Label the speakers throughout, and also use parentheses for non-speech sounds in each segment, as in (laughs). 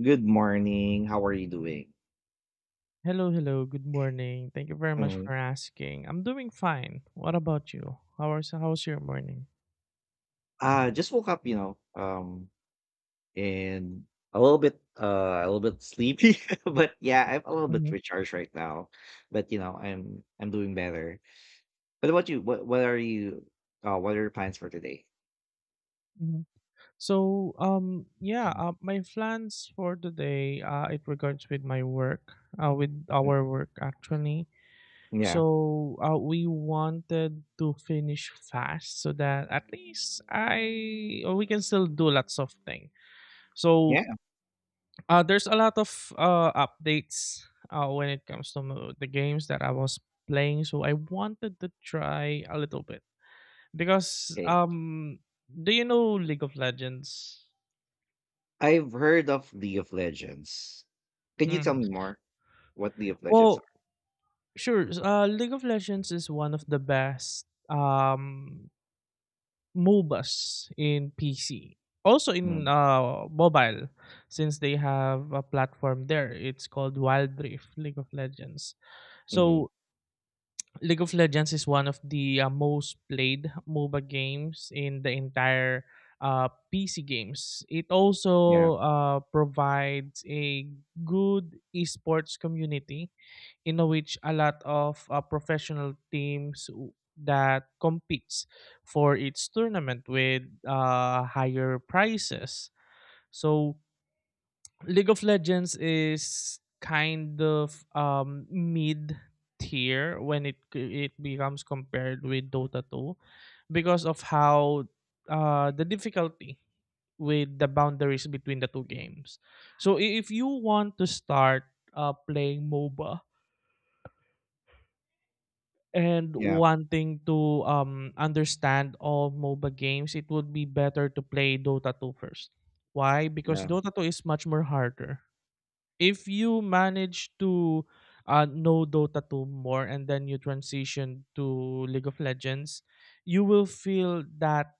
Speaker 1: Good morning. How are you doing?
Speaker 2: Hello, hello. Good morning. Thank you very much
Speaker 1: Mm.
Speaker 2: for asking. I'm doing fine. What about you? How's your morning?
Speaker 1: Just woke up, and a little bit sleepy, (laughs) but yeah, I'm a little bit
Speaker 2: Hmm.
Speaker 1: recharged right now. But I'm doing better. But about you? What are you? What are your plans for today?
Speaker 2: Hmm. So, yeah,
Speaker 1: Mm,
Speaker 2: my plans for today, it regards with my work, with
Speaker 1: mm,
Speaker 2: our work actually.
Speaker 1: yeah,
Speaker 2: So, we wanted to finish fast so that at least I we can still do lots of things. So,
Speaker 1: yeah.
Speaker 2: There's a lot of updates when it comes to the games that I was playing, so I wanted to try a little bit because
Speaker 1: Okay,
Speaker 2: do you know League of Legends?
Speaker 1: I've heard of League of Legends. Can you tell
Speaker 2: Mm.
Speaker 1: me more what League of Legends
Speaker 2: Well,
Speaker 1: are?
Speaker 2: sure. League of Legends is one of the best MOBAs in PC, also in
Speaker 1: Mm-hmm.
Speaker 2: mobile, since they have a platform there. It's called Wild Rift League of Legends.
Speaker 1: Mm-hmm.
Speaker 2: So League of Legends is one of the most played MOBA games in the entire PC games. It
Speaker 1: Yeah,
Speaker 2: also provides a good esports community in which a lot of professional teams that competes for its tournament with higher prices. So League of Legends is kind of mid tier when it becomes compared with Dota 2 because of how the difficulty with the boundaries between the two games. So if you want to start playing MOBA and
Speaker 1: yeah,
Speaker 2: wanting to understand all MOBA games, it would be better to play Dota 2 first. Why? Because
Speaker 1: yeah.
Speaker 2: Dota 2 is much more harder if you manage to know Dota 2 more and then you transition to League of Legends, you will feel that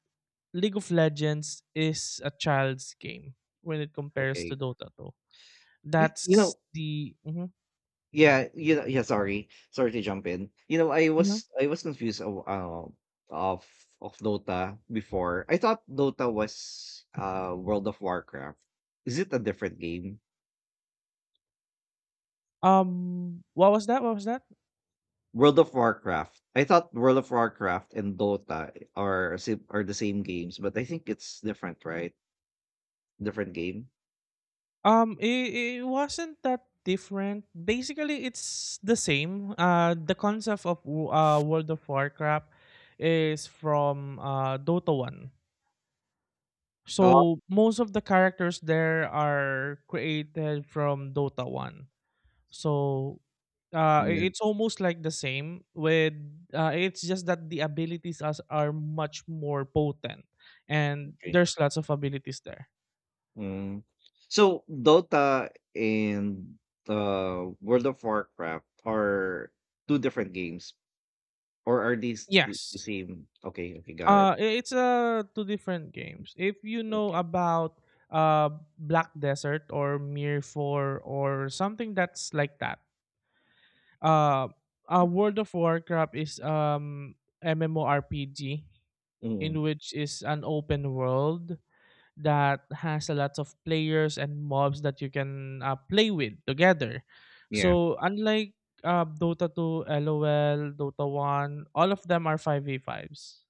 Speaker 2: League of Legends is a child's game when it compares to
Speaker 1: Okay.
Speaker 2: Dota 2.
Speaker 1: You, you
Speaker 2: That's
Speaker 1: know,
Speaker 2: the. Mhm.
Speaker 1: Yeah, you know, yeah, sorry. Sorry to jump in. You know, I
Speaker 2: Mhm.
Speaker 1: was I was confused of of of Dota before. I thought Dota was World of Warcraft. Is it a different game?
Speaker 2: What was that? What was that?
Speaker 1: World of Warcraft. I thought World of Warcraft and Dota are the same games, but I think it's different, right? Different game.
Speaker 2: It wasn't that different. Basically, it's the same. The concept of World of Warcraft is from Dota 1.
Speaker 1: Oh,
Speaker 2: So most of the characters there are created from Dota 1. So
Speaker 1: yeah.
Speaker 2: it's almost like the same with it's just that the abilities as are much more potent and
Speaker 1: Okay.
Speaker 2: there's lots of abilities there.
Speaker 1: Mm. So Dota and World of Warcraft are two different games, or are these the
Speaker 2: Yes.
Speaker 1: same? Okay, okay, got it.
Speaker 2: It's two different games. If you know
Speaker 1: Okay.
Speaker 2: about uh Black Desert or Mirror 4 or something that's like that uh, World of Warcraft is MMORPG
Speaker 1: Mm,
Speaker 2: in which is an open world that has a lot of players and mobs that you can play with together.
Speaker 1: yeah.
Speaker 2: So unlike Dota 2, LOL, Dota 1, all of them are 5v5s.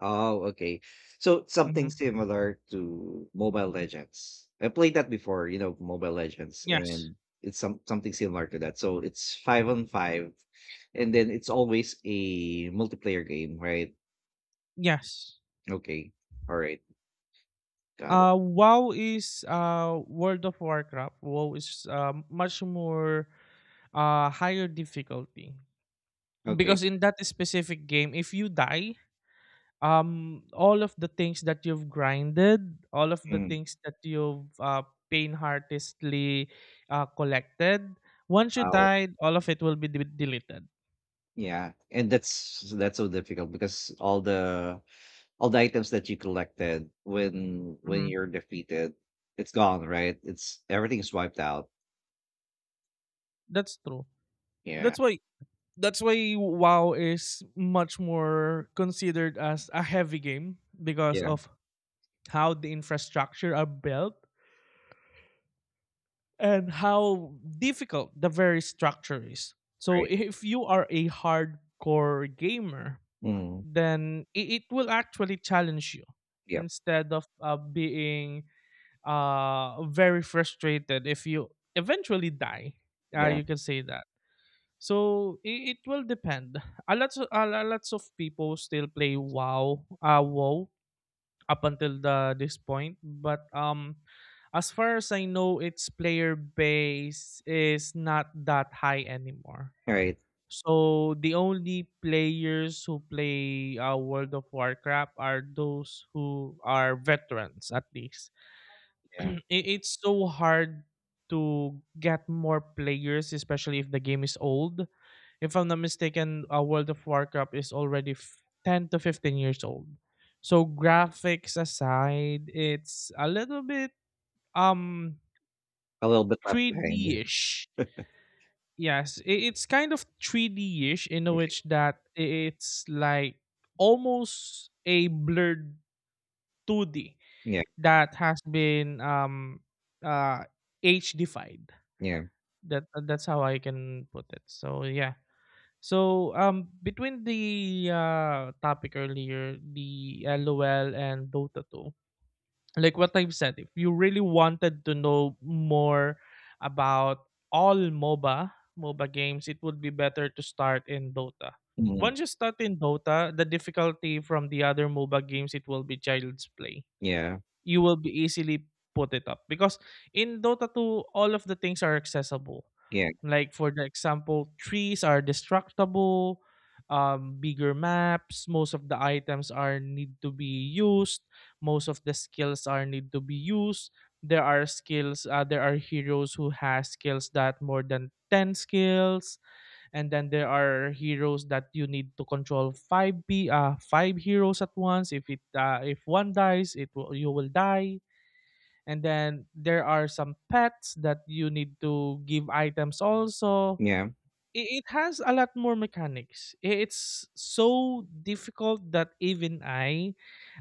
Speaker 1: Oh, okay. So something
Speaker 2: Mm-hmm.
Speaker 1: similar to Mobile Legends. I played that before, you know, Mobile Legends,
Speaker 2: Yes.
Speaker 1: and it's something similar to that. So it's five on five, and then it's always a multiplayer game, right?
Speaker 2: Yes.
Speaker 1: Okay. All right. Got it.
Speaker 2: WoW is World of Warcraft. WoW is much more higher difficulty.
Speaker 1: Okay.
Speaker 2: Because in that specific game, if you die, all of the things that you've grinded, all of the
Speaker 1: Mm,
Speaker 2: things that you've painheartedly collected, once you
Speaker 1: wow.
Speaker 2: died, all of it will be deleted.
Speaker 1: Yeah. And that's so difficult because all the items that you collected when
Speaker 2: Mhm.
Speaker 1: you're defeated, it's gone, right? It's Everything is wiped out.
Speaker 2: That's true.
Speaker 1: Yeah,
Speaker 2: That's why that's why WoW is much more considered as a heavy game because
Speaker 1: yeah,
Speaker 2: of how the infrastructure are built and how difficult the very structure is. So
Speaker 1: right.
Speaker 2: if you are a hardcore gamer,
Speaker 1: Mm,
Speaker 2: then it will actually challenge you
Speaker 1: yep,
Speaker 2: instead of being very frustrated if you eventually die.
Speaker 1: yeah,
Speaker 2: You can say that. So it will depend. A lot of people still play WoW, WoW up until the this point. But as far as I know, its player base is not that high anymore.
Speaker 1: right,
Speaker 2: So the only players who play World of Warcraft are those who are veterans at least.
Speaker 1: yeah.
Speaker 2: (clears throat) It's so hard to get more players, especially if the game is old. If I'm not mistaken, World of Warcraft is already 10 to 15 years old. So graphics aside, it's a little bit um
Speaker 1: A little bit left behind.
Speaker 2: 3D-ish. Yes, it's kind of 3D-ish in
Speaker 1: Okay.
Speaker 2: which that it's like almost a blurred 2D
Speaker 1: Yeah,
Speaker 2: that has been uh HDified.
Speaker 1: yeah,
Speaker 2: That's how I can put it. So yeah. So, between the topic earlier, the LOL and Dota 2, like what I've said, if you really wanted to know more about all MOBA games, it would be better to start in Dota.
Speaker 1: mm,
Speaker 2: Once you start in Dota, the difficulty from the other MOBA games it will be child's play.
Speaker 1: yeah,
Speaker 2: You will be easily put it up because in Dota 2, all of the things are accessible,
Speaker 1: yeah,
Speaker 2: like for the example, trees are destructible, bigger maps, most of the items are need to be used, most of the skills are need to be used. There are skills, there are heroes who has skills that more than 10 skills, and then there are heroes that you need to control five heroes at once. If it if one dies, you will die. And then there are some pets that you need to give items also
Speaker 1: yeah.
Speaker 2: it has a lot more mechanics. It's so difficult that even I,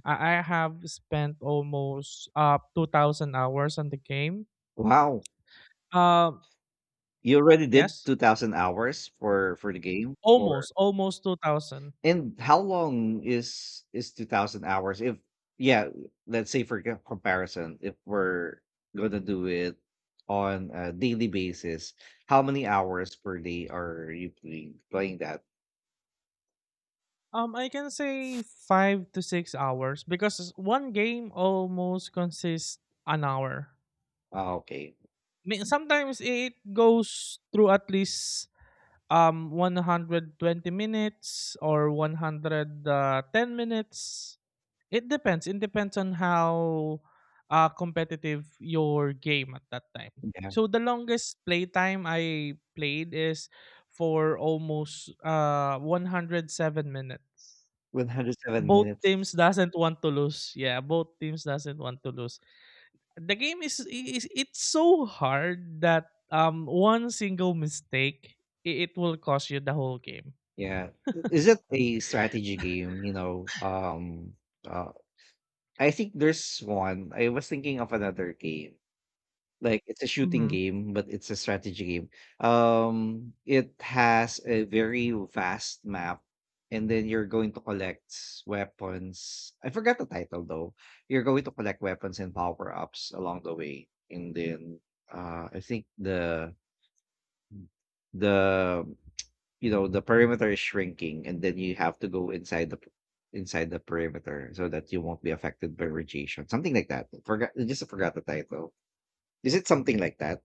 Speaker 2: I I have spent almost 2,000 hours on the game.
Speaker 1: Wow,
Speaker 2: Um,
Speaker 1: you already did
Speaker 2: yes,
Speaker 1: 2,000 hours for the game for.
Speaker 2: almost 2,000.
Speaker 1: And how long is 2,000 hours? If Yeah, let's say for comparison, if we're gonna do it on a daily basis, how many hours per day are you playing that?
Speaker 2: I can say 5 to 6 hours because one game almost consists an hour.
Speaker 1: Ah, okay.
Speaker 2: Sometimes it goes through at least 120 minutes or 110 minutes. It depends. It depends on how competitive your game at that time.
Speaker 1: Yeah.
Speaker 2: So the longest playtime I played is for almost 107 minutes.
Speaker 1: 107
Speaker 2: Both
Speaker 1: minutes.
Speaker 2: teams doesn't want to lose. Yeah, both teams doesn't want to lose. The game is it's so hard that one single mistake it will cost you the whole game.
Speaker 1: Yeah. Is it a strategy game, you know? Uh I think there's one. I was thinking of another game. Like, it's a shooting
Speaker 2: Mhm.
Speaker 1: game, but it's a strategy game. It has a very vast map, and then you're going to collect weapons. I forgot the title though. You're going to collect weapons and power ups along the way, and then I think the you know the perimeter is shrinking, and then you have to go inside the perimeter so that you won't be affected by radiation, something like that. Forgot, I just forgot the title. Is it something like that?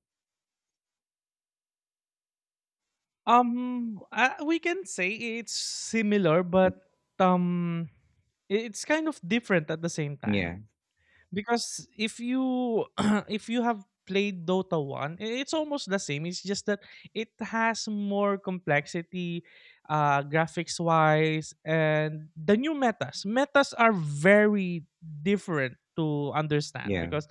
Speaker 2: We can say it's similar,
Speaker 1: Mm,
Speaker 2: but um, it's kind of different at the same time
Speaker 1: yeah.
Speaker 2: because if you (clears throat) if you have played Dota 1, it's almost the same. It's just that it has more complexity, graphics wise, and the new metas. Metas are very different to understand
Speaker 1: Yeah,
Speaker 2: because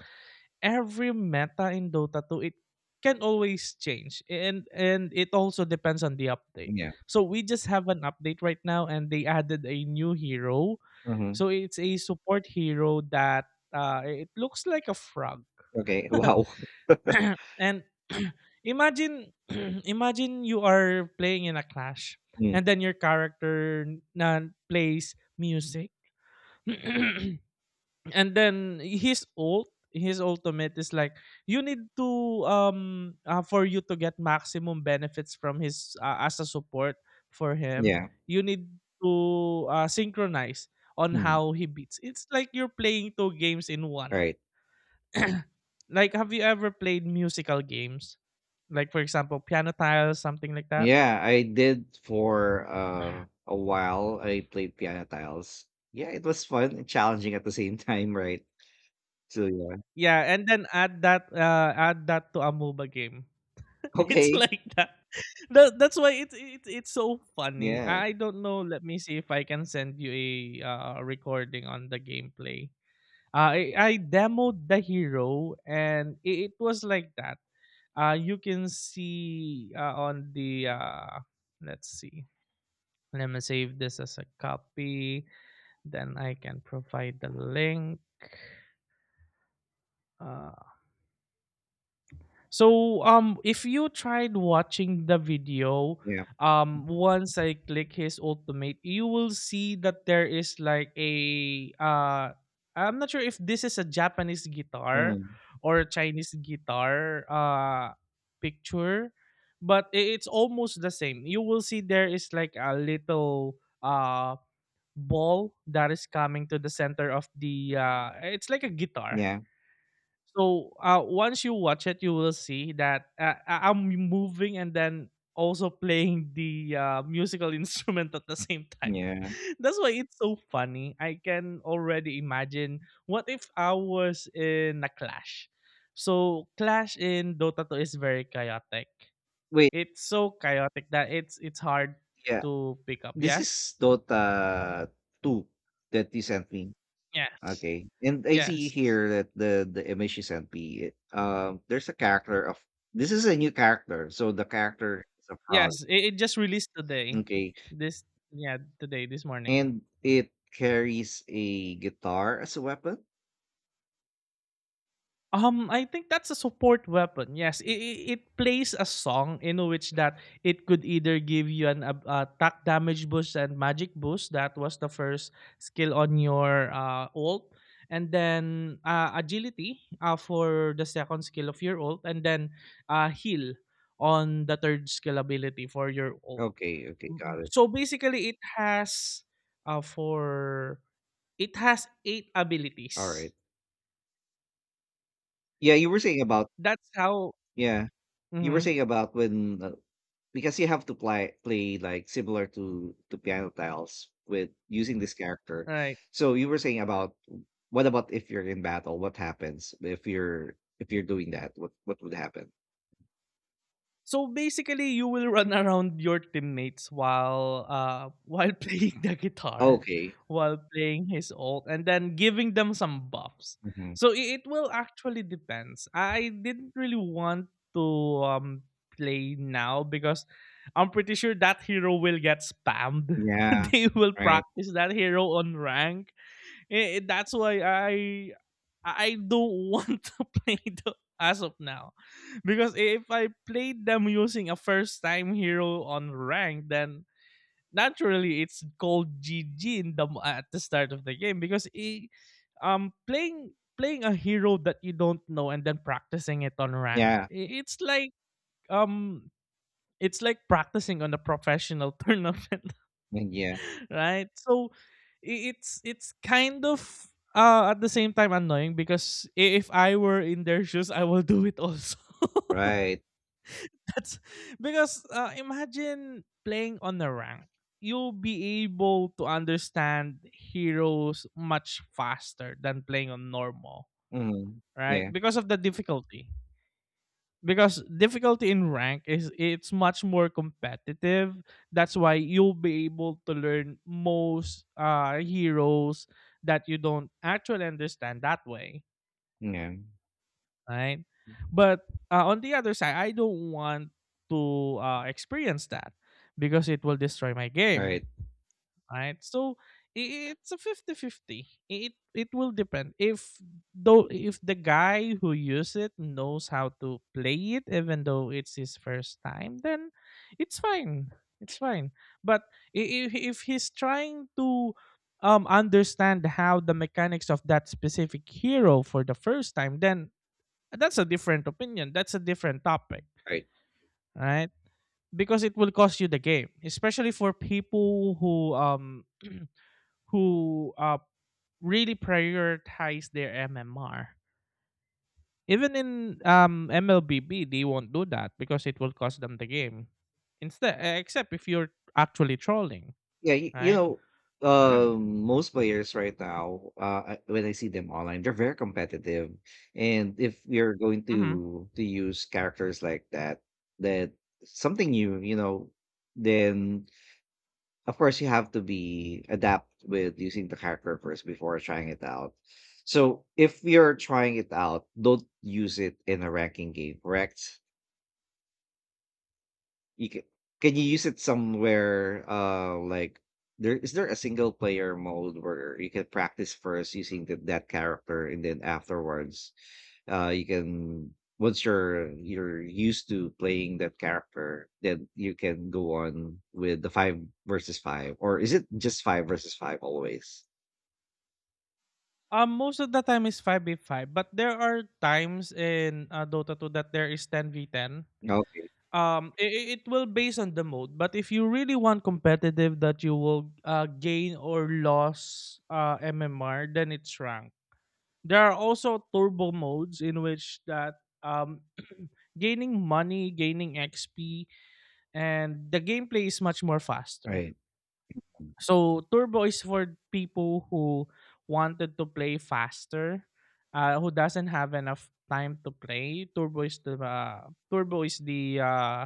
Speaker 2: every meta in Dota 2 it can always change and it also depends on the update.
Speaker 1: yeah,
Speaker 2: So we just have an update right now and they added a new hero.
Speaker 1: mhm,
Speaker 2: So it's a support hero that it looks like a frog. (coughs)
Speaker 1: okay, (laughs)
Speaker 2: (clears throat)
Speaker 1: wow,
Speaker 2: And (clears throat) imagine (clears throat) imagine you are playing in a clash
Speaker 1: mm,
Speaker 2: and then your character na plays music. (coughs) (clears throat) And then his ultimate is like you need to for you to get maximum benefits from his as a support for him,
Speaker 1: yeah,
Speaker 2: you need to synchronize on
Speaker 1: hmm,
Speaker 2: how he beats. It's like you're playing two games in one.
Speaker 1: right.
Speaker 2: (clears throat) Like, have you ever played musical games, like for example piano tiles, something like that?
Speaker 1: Yeah, I did for a while. I played Piano Tiles. Yeah, it was fun and challenging at the same (laughs) time, right? So yeah,
Speaker 2: Yeah, and then add that to a MOBA game. (laughs) It's
Speaker 1: okay,
Speaker 2: like that. That's why it's so funny.
Speaker 1: yeah,
Speaker 2: I don't know. Let me see if I can send you a recording on the gameplay. I demoed the hero and it was like that. You can see on the let's see. Let me save this as a copy. Then I can provide the link. Uh, So if you tried watching the video,
Speaker 1: yeah,
Speaker 2: once I click his ultimate, you will see that there is like a I'm not sure if this is a Japanese guitar
Speaker 1: mm,
Speaker 2: or a Chinese guitar picture, but it's almost the same. You will see there is like a little uh ball that is coming to the center of the it's like a guitar.
Speaker 1: yeah,
Speaker 2: So once you watch it, you will see that I'm moving and then also playing the musical (laughs) instrument at the same time.
Speaker 1: yeah.
Speaker 2: (laughs) That's why it's so funny. I can already imagine what if I was in a clash. So clash in Dota 2 is very chaotic.
Speaker 1: Wait,
Speaker 2: It's so chaotic that it's hard
Speaker 1: yeah,
Speaker 2: to pick up.
Speaker 1: this is
Speaker 2: Yes,
Speaker 1: Dota 2 that you sent me.
Speaker 2: yes,
Speaker 1: Okay. And I see
Speaker 2: yes,
Speaker 1: here that the image you sent me, it, there's a character of this is a new character. So the character is a frog.
Speaker 2: yes. It just released today.
Speaker 1: Okay.
Speaker 2: This Yeah, today, this morning.
Speaker 1: And it carries a guitar as a weapon.
Speaker 2: I think that's a support weapon. Yes, plays a song in which that it could either give you an attack damage boost and magic boost. That was the first skill on your ult, and then agility for the second skill of your ult, and then heal on the third skill ability for your ult.
Speaker 1: Okay, okay, got it.
Speaker 2: So basically, it has uh, for eight
Speaker 1: All right.
Speaker 2: abilities.
Speaker 1: Yeah, you were saying about
Speaker 2: That's how.
Speaker 1: yeah. You were
Speaker 2: Mhm.
Speaker 1: saying about when because you have to play like similar to piano tiles with using this character.
Speaker 2: Right.
Speaker 1: So you were saying about what about if you're in battle? What happens if you're doing that? What would happen?
Speaker 2: So basically, you will run (laughs) around your teammates while while (laughs) playing the guitar,
Speaker 1: Okay.
Speaker 2: while playing his ult, and then giving them some buffs.
Speaker 1: Hmm.
Speaker 2: So it will actually depends. I didn't really want to um play now because I'm pretty sure that hero will get spammed.
Speaker 1: Yeah.
Speaker 2: (laughs) They will
Speaker 1: Right.
Speaker 2: practice that hero on rank. That's why I don't (laughs) want to play the as of now. Because if I played them using a first time hero on rank, then naturally it's called GG in the at the start of the game because playing a hero that you don't know and then practicing it on rank,
Speaker 1: Yeah.
Speaker 2: um it's like practicing on a professional (laughs) tournament,
Speaker 1: Yeah.
Speaker 2: right? So it's kind of at the same time annoying because if I were in their shoes, I will do it also. (laughs)
Speaker 1: Right.
Speaker 2: That's because imagine playing on the rank. You'll be able to understand heroes much faster than playing on normal,
Speaker 1: Mm.
Speaker 2: right?
Speaker 1: Yeah.
Speaker 2: Because of the difficulty, because difficulty in rank is it's much more competitive. That's why you'll be able to learn most heroes that you don't actually understand that way,
Speaker 1: Yeah.
Speaker 2: right? But on the other side, I don't want to experience that because it will destroy my game,
Speaker 1: Right.
Speaker 2: right? So it's a 50-50. It it will depend if, though, if the guy who use it knows how to play it even though it's his first time, then it's fine. It's fine. But if he's trying to understand how the mechanics of that specific hero for the first time, then that's a different opinion. That's a different topic,
Speaker 1: Right.
Speaker 2: right? Because it will cost you the game, especially for people who (clears throat) who really prioritize their MMR. Even in MLBB, they won't do that because it will cost them the game. Instead, except if you're actually trolling,
Speaker 1: Yeah,
Speaker 2: right? (clears throat)
Speaker 1: most players right now, when I see them online, they're very competitive, and if you're going
Speaker 2: Hmm.
Speaker 1: to use characters like that, that something new, you know, then of course you have to be adapt with using the character first before trying it out. So if you're trying it out, don't use it in a ranking game, correct? You Can you use it somewhere, like there a single player mode where you can practice first using that character and then afterwards, you can once you're used to playing that character, then you can go on with the five versus five, or is it just five versus five always?
Speaker 2: Most of the time is 5v5, but there are times in Dota 2 that there is 10v10.
Speaker 1: Okay,
Speaker 2: It will based on the mode, but if you really want competitive that you will gain or loss MMR, then it's rank. There are also turbo modes in which that um, (clears throat) gaining money, gaining XP, and the gameplay is much more faster.
Speaker 1: right,
Speaker 2: So turbo is for people who wanted to play faster, who doesn't have enough time to play. Turbo is the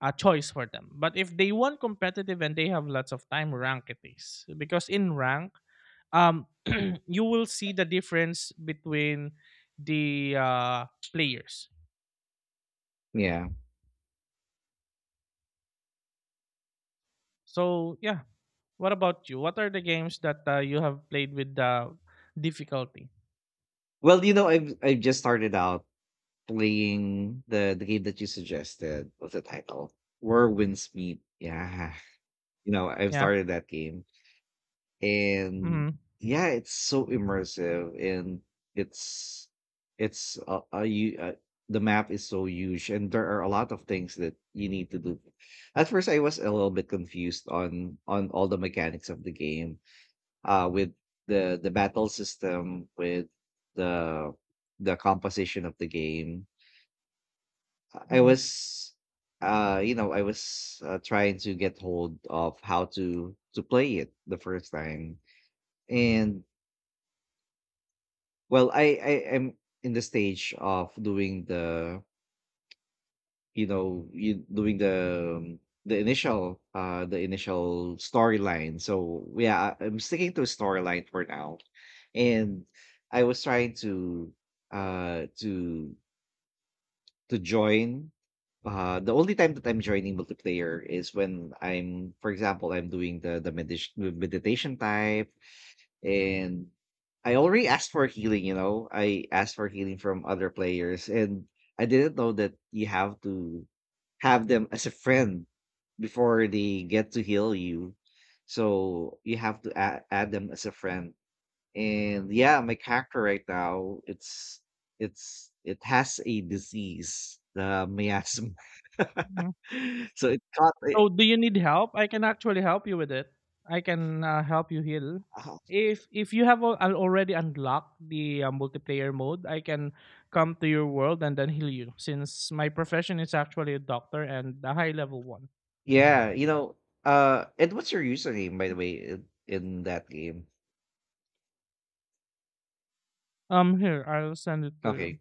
Speaker 2: a choice for them. But if they want competitive and they have lots of time, rank it is, because in rank um (clears throat) you will see the difference between the players.
Speaker 1: yeah.
Speaker 2: So yeah, what about you? What are the games that you have played with the difficulty?
Speaker 1: Well, you know, I've just started out playing the game that you suggested. What's the title? Where Winds Meet. Yeah. You know, I've
Speaker 2: Yeah.
Speaker 1: started that game and
Speaker 2: Mm-hmm.
Speaker 1: yeah, it's so immersive and it's it's the map is so huge and there are a lot of things that you need to do. At first I was a little bit confused on all the mechanics of the game with the battle system with the the composition of the game. I was, trying to get hold of how to play it the first time, and well, I am in the stage of doing the you know you doing the initial storyline. So yeah, I'm sticking to storyline for now, and I was trying to uh to to join. The only time that I'm joining multiplayer is when I'm, for example, I'm doing the meditation type, and I already asked for healing. You know, I asked for healing from other players, and I didn't know that you have to have them as a friend before they get to heal you. So you have to add them as a friend, and yeah, my character right now, it's it has a disease, the miasma.
Speaker 2: Hmm.
Speaker 1: (laughs) So it caught it.
Speaker 2: So do you need help? I can actually help you with it. I can help you heal.
Speaker 1: uh,
Speaker 2: If you have already unlocked the multiplayer mode, I can come to your world and then heal you, since my profession is actually a doctor and a high level one.
Speaker 1: Yeah, you know. And what's your username, by the way, in that game?
Speaker 2: Here, I'll send it to you.
Speaker 1: Okay,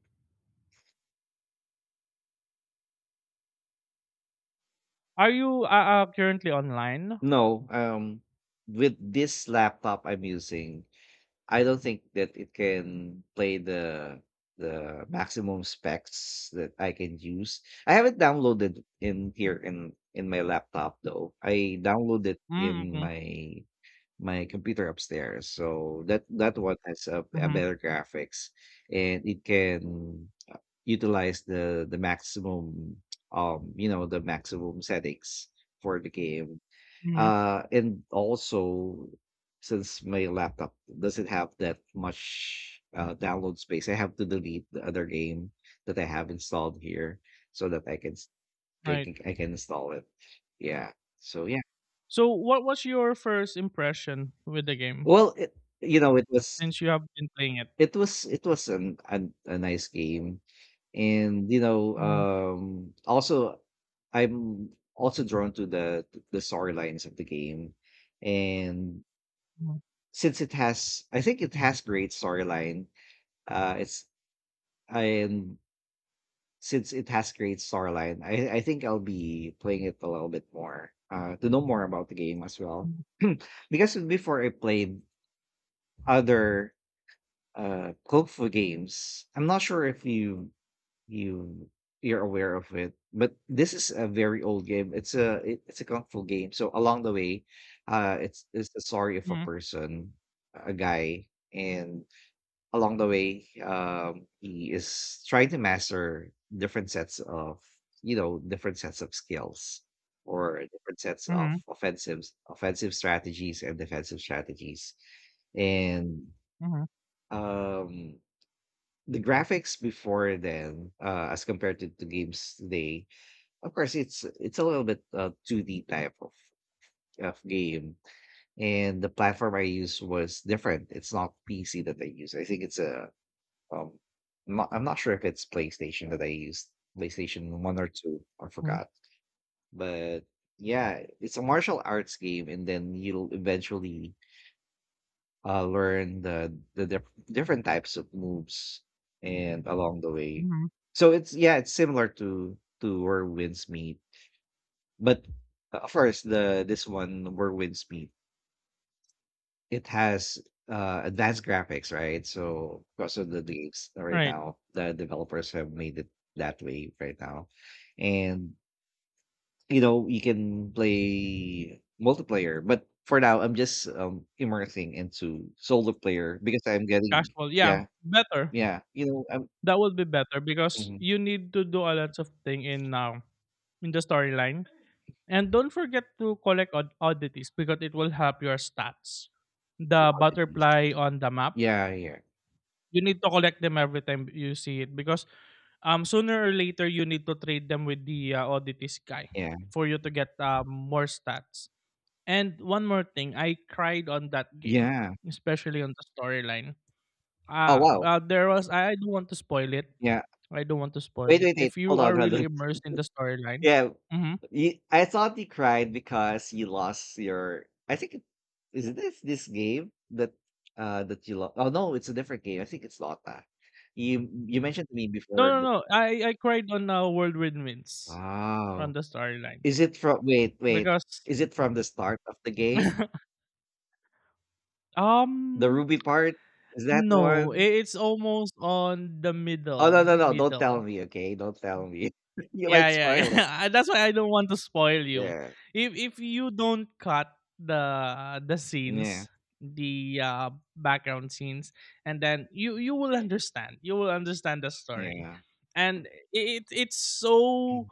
Speaker 2: Are you currently online?
Speaker 1: no. With this laptop I'm using, I don't think that it can play the maximum specs that I can use. I have it downloaded in here in my laptop though. I downloaded
Speaker 2: Mm,
Speaker 1: in
Speaker 2: okay.
Speaker 1: my computer upstairs. So that that one has a
Speaker 2: Mm-hmm.
Speaker 1: better graphics and it can utilize the maximum you know the maximum settings for the game,
Speaker 2: Mm-hmm.
Speaker 1: and also, since my laptop doesn't have that much download space, I have to delete the other game that I have installed here so that
Speaker 2: Right.
Speaker 1: I can install it. Yeah. So yeah.
Speaker 2: So, what was your first impression with the game
Speaker 1: Well, it, you know,
Speaker 2: since you have been playing it?
Speaker 1: it was an a nice game, and you know,
Speaker 2: Mm-hmm.
Speaker 1: also I'm also drawn to the storylines of the game, and
Speaker 2: Mm-hmm.
Speaker 1: since it has I think it has great storyline, it's and since it has great storyline, I think I'll be playing it a little bit more, to know more about the game as well. (clears throat) Because before I played other, Kung Fu games, I'm not sure if you you're aware of it, but this is a very old game. It's a it's a Kung Fu game. So along the way, it's the story of a
Speaker 2: Mm-hmm.
Speaker 1: person, a guy, and along the way, he is trying to master different sets of, you know, different sets of skills or different sets of
Speaker 2: Mm-hmm.
Speaker 1: offensives, offensive strategies and defensive strategies. And
Speaker 2: Mm-hmm.
Speaker 1: um, the graphics before then, as compared to games today, of course, it's a little bit 2D type of game, and the platform I use was different. It's not PC that I use. I think it's a um, I'm not sure if it's PlayStation that I used, PlayStation 1 or 2, I
Speaker 2: Mm-hmm.
Speaker 1: forgot. But yeah, it's a martial arts game, and then you'll eventually learn the, different types of moves and along the way.
Speaker 2: Mm-hmm.
Speaker 1: So it's, yeah, it's similar to Where Winds Meet. But first, the this one, Where Winds Meet, it has advanced graphics, right? So because of the leaks right
Speaker 2: Right.
Speaker 1: now, the developers have made it that way right now, and you know you can play multiplayer. But for now, I'm just immersing into solo player because I'm getting
Speaker 2: Casual. Yeah.
Speaker 1: yeah
Speaker 2: Better.
Speaker 1: yeah you know I'm
Speaker 2: That would be better because
Speaker 1: mhm,
Speaker 2: you need to do a lot of thing in now, in the storyline. And don't forget to collect oddities, because it will help your stats.
Speaker 1: the
Speaker 2: The
Speaker 1: oddities.
Speaker 2: butterfly on the map,
Speaker 1: Yeah yeah
Speaker 2: you need to collect them every time you see it, because sooner or later you need to trade them with the oddities guy
Speaker 1: yeah
Speaker 2: for you to get more stats. And one more thing, I cried on that game,
Speaker 1: yeah
Speaker 2: especially on the storyline.
Speaker 1: oh wow
Speaker 2: There was I don't want to spoil it.
Speaker 1: yeah.
Speaker 2: I don't want to spoil
Speaker 1: Wait
Speaker 2: it.
Speaker 1: wait wait
Speaker 2: If
Speaker 1: hold
Speaker 2: you are
Speaker 1: on hold
Speaker 2: really
Speaker 1: on.
Speaker 2: immersed in the
Speaker 1: (laughs)
Speaker 2: storyline,
Speaker 1: Yeah.
Speaker 2: hmm.
Speaker 1: You, I thought you cried because you lost your. I think it, is this this game that that you lost. Oh no, it's a different game. I think it's Dota. You mentioned to me
Speaker 2: no,
Speaker 1: before.
Speaker 2: no,
Speaker 1: That,
Speaker 2: no. I cried on World Windwinds, on
Speaker 1: wow,
Speaker 2: the storyline
Speaker 1: is it from? Wait, wait.
Speaker 2: because
Speaker 1: Is it from the start of the game?
Speaker 2: (laughs)
Speaker 1: The
Speaker 2: um
Speaker 1: Ruby part, is that the
Speaker 2: no, I
Speaker 1: one?
Speaker 2: it's almost on the
Speaker 1: Oh no
Speaker 2: middle,
Speaker 1: no no! Don't tell
Speaker 2: middle.
Speaker 1: me. Okay, don't tell me. (laughs) You might
Speaker 2: Yeah, yeah, (laughs)
Speaker 1: spoil it.
Speaker 2: yeah. That's why I don't want to spoil you.
Speaker 1: Yeah
Speaker 2: If you don't cut the
Speaker 1: yeah
Speaker 2: scenes, the background scenes, and then you will understand. You will understand the story,
Speaker 1: yeah.
Speaker 2: and it it's
Speaker 1: (clears throat)
Speaker 2: so,
Speaker 1: Mm,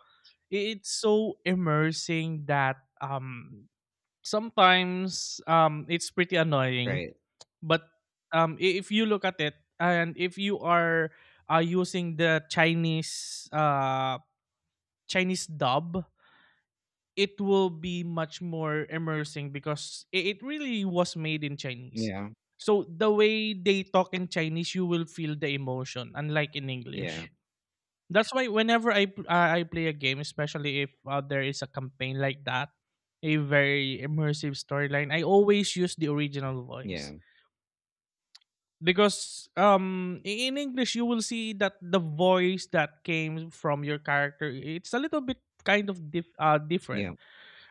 Speaker 2: it's so immersing that sometimes it's pretty annoying.
Speaker 1: right.
Speaker 2: But, I if you look at it, and if you are using the Chinese, Chinese dub, it will be much more immersing because it really was made in Chinese.
Speaker 1: Yeah
Speaker 2: So the way they talk in Chinese, you will feel the emotion, unlike in
Speaker 1: yeah
Speaker 2: English. That's why whenever I play a game, especially if there is a campaign like that, a very immersive storyline, I always use the original voice,
Speaker 1: yeah
Speaker 2: because in English you will see that the voice that came from your character, it's a little bit kind of different
Speaker 1: yeah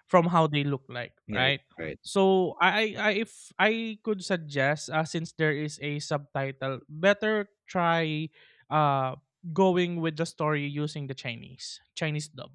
Speaker 2: from how they look like,
Speaker 1: yeah.
Speaker 2: right?
Speaker 1: Right.
Speaker 2: So i I- if i could suggest, since there is a subtitle, better try uh going with the story using the Chinese dub.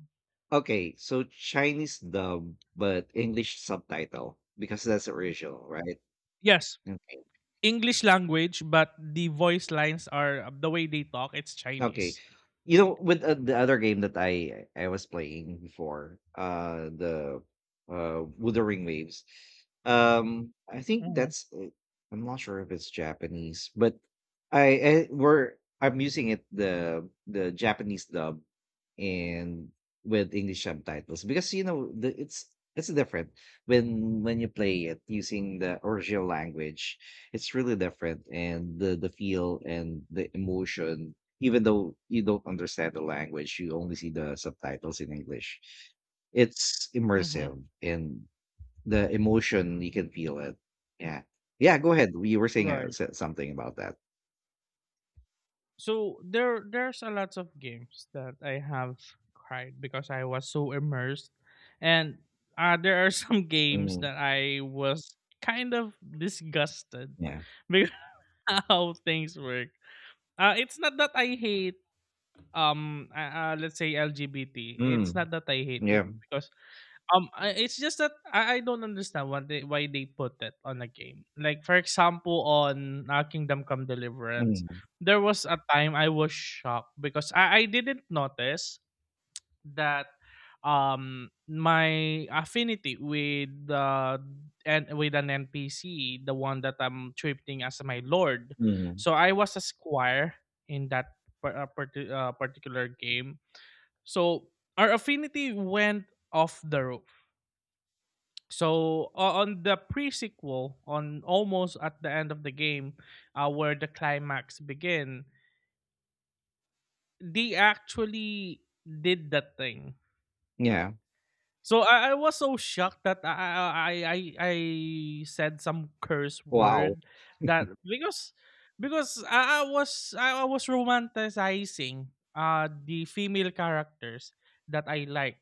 Speaker 1: Okay, so Chinese dub, but English subtitle because that's original, right?
Speaker 2: Yes.
Speaker 1: Okay.
Speaker 2: English language, but the voice lines are the way they talk. It's
Speaker 1: Okay.
Speaker 2: Chinese.
Speaker 1: You know, with the other game that I was playing before, the Wuthering Waves. I think
Speaker 2: Hmm.
Speaker 1: that's I'm not sure if it's Japanese, but I, I we're I'm using it the Japanese dub and with English subtitles because you know it's different when you play it using the original language. It's really different and the feel and the emotion, even though you don't understand the language, you only see the subtitles in English. It's
Speaker 2: Hmm.
Speaker 1: immersive and the emotion you can feel it. Yeah. Yeah, go ahead. You were saying
Speaker 2: Right.
Speaker 1: something about that.
Speaker 2: So there, there's a lot of games that I have cried because I was so immersed, and there are some (laughs) games
Speaker 1: Mm,
Speaker 2: that I was kind of disgusted
Speaker 1: yeah.
Speaker 2: because (laughs) how things work. It's not that I hate let's say LGBT, it's
Speaker 1: Mm,
Speaker 2: not that I hate it
Speaker 1: yeah.
Speaker 2: because I it's just that I don't understand what why they put it on a game. Like for example, on Kingdom Come Deliverance,
Speaker 1: Mm,
Speaker 2: there was a time I was shocked because I didn't notice that my affinity with and with an NPC, the one that I'm treating as my lord.
Speaker 1: mm,
Speaker 2: So I was a squire in that particular game, so our affinity went off the roof. So on the pre-sequel, on almost at the end of the game, where the climax begin, they actually did that thing.
Speaker 1: yeah.
Speaker 2: So I was so shocked that I said some curse
Speaker 1: Wow.
Speaker 2: word that, because I was romanticizing the female characters that I like.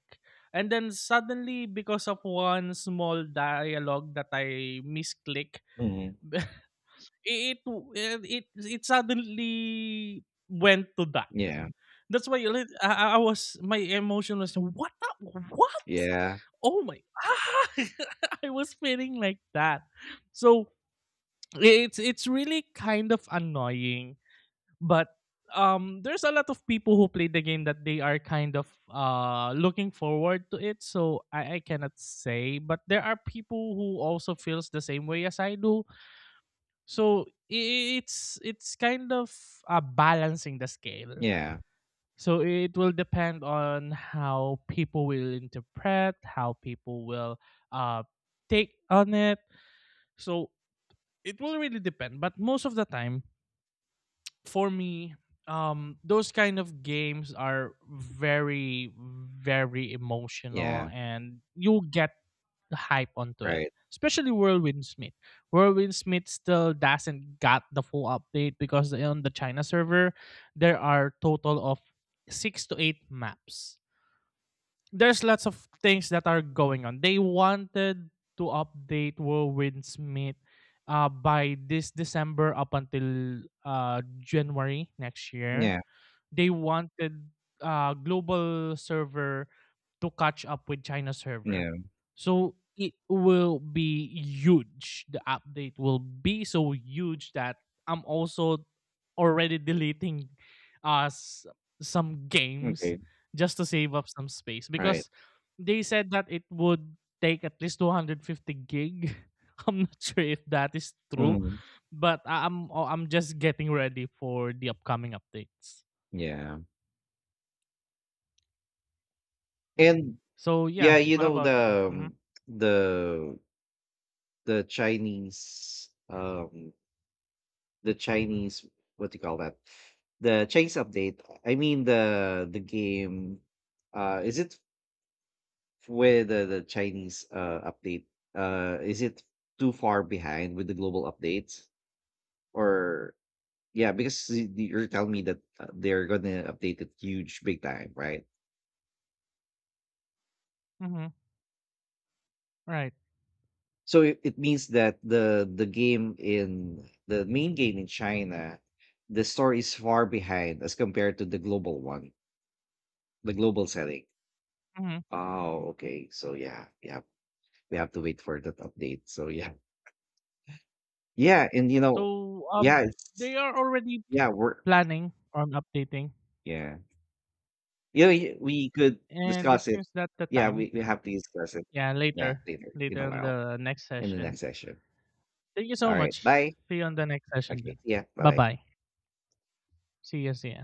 Speaker 2: And then suddenly, because of one small dialogue that I misclick,
Speaker 1: Mm,
Speaker 2: (laughs) it suddenly went to that.
Speaker 1: yeah.
Speaker 2: That's why like, I was, my emotion was, what the- what
Speaker 1: Yeah.
Speaker 2: oh my. (laughs) I was feeling like that. So it's really kind of annoying, but there's a lot of people who play the game that they are kind of looking forward to it. So I cannot say, but there are people who also feels the same way as I do. So it's kind of balancing the scale.
Speaker 1: Yeah.
Speaker 2: So it will depend on how people will interpret, how people will uh, take on it. So it will really depend. But most of the time, for me, those kind of games are very, very emotional,
Speaker 1: Yeah.
Speaker 2: and you'll get the hype onto it.
Speaker 1: Right.
Speaker 2: Especially Whirlwind Smith. Whirlwind Smith still doesn't got the full update, because on the China server, there are total of six to eight maps. There's lots of things that are going on. They wanted to update Will Smith by this December up until January next year.
Speaker 1: Yeah.
Speaker 2: They wanted global server to catch up with China server.
Speaker 1: Yeah.
Speaker 2: So it will be huge. The update will be so huge that I'm also already (laughs) deleting uh s- some games
Speaker 1: Okay.
Speaker 2: just to save up some space,
Speaker 1: Right.
Speaker 2: because they said that it would take at least 250 gig. (laughs) I'm not sure if that is true,
Speaker 1: Mm,
Speaker 2: but I'm just getting ready for the upcoming updates.
Speaker 1: yeah. And
Speaker 2: So, yeah,
Speaker 1: yeah, you
Speaker 2: what
Speaker 1: know
Speaker 2: about you? Mhm,
Speaker 1: the the Chinese the Chinese, what do you call that? The Chinese update. I mean the game, is it where the Chinese update, is it too far behind with the global updates, or yeah because you're telling me that they're gonna update it huge big time, right?
Speaker 2: mhm, right,
Speaker 1: So it means that the game in the main game in China, the story is far behind as compared to the global one. The global setting.
Speaker 2: mhm.
Speaker 1: Oh, okay. So yeah, yeah. We have to wait for that update. So yeah. Yeah, and you know,
Speaker 2: So,
Speaker 1: yeah, it's
Speaker 2: they are already
Speaker 1: yeah, we're
Speaker 2: planning on updating,
Speaker 1: yeah. You know, we could
Speaker 2: and
Speaker 1: discuss
Speaker 2: it
Speaker 1: it.
Speaker 2: seems that the
Speaker 1: Yeah,
Speaker 2: time,
Speaker 1: we have to discuss it.
Speaker 2: yeah,
Speaker 1: Yeah,
Speaker 2: later,
Speaker 1: later in a
Speaker 2: later on
Speaker 1: while
Speaker 2: the next
Speaker 1: in the
Speaker 2: session.
Speaker 1: next session.
Speaker 2: Thank you
Speaker 1: All
Speaker 2: so
Speaker 1: right.
Speaker 2: much.
Speaker 1: Bye.
Speaker 2: See you on the next session
Speaker 1: Okay.
Speaker 2: then.
Speaker 1: Yeah. Bye bye.
Speaker 2: Bye-bye. See you, see ya.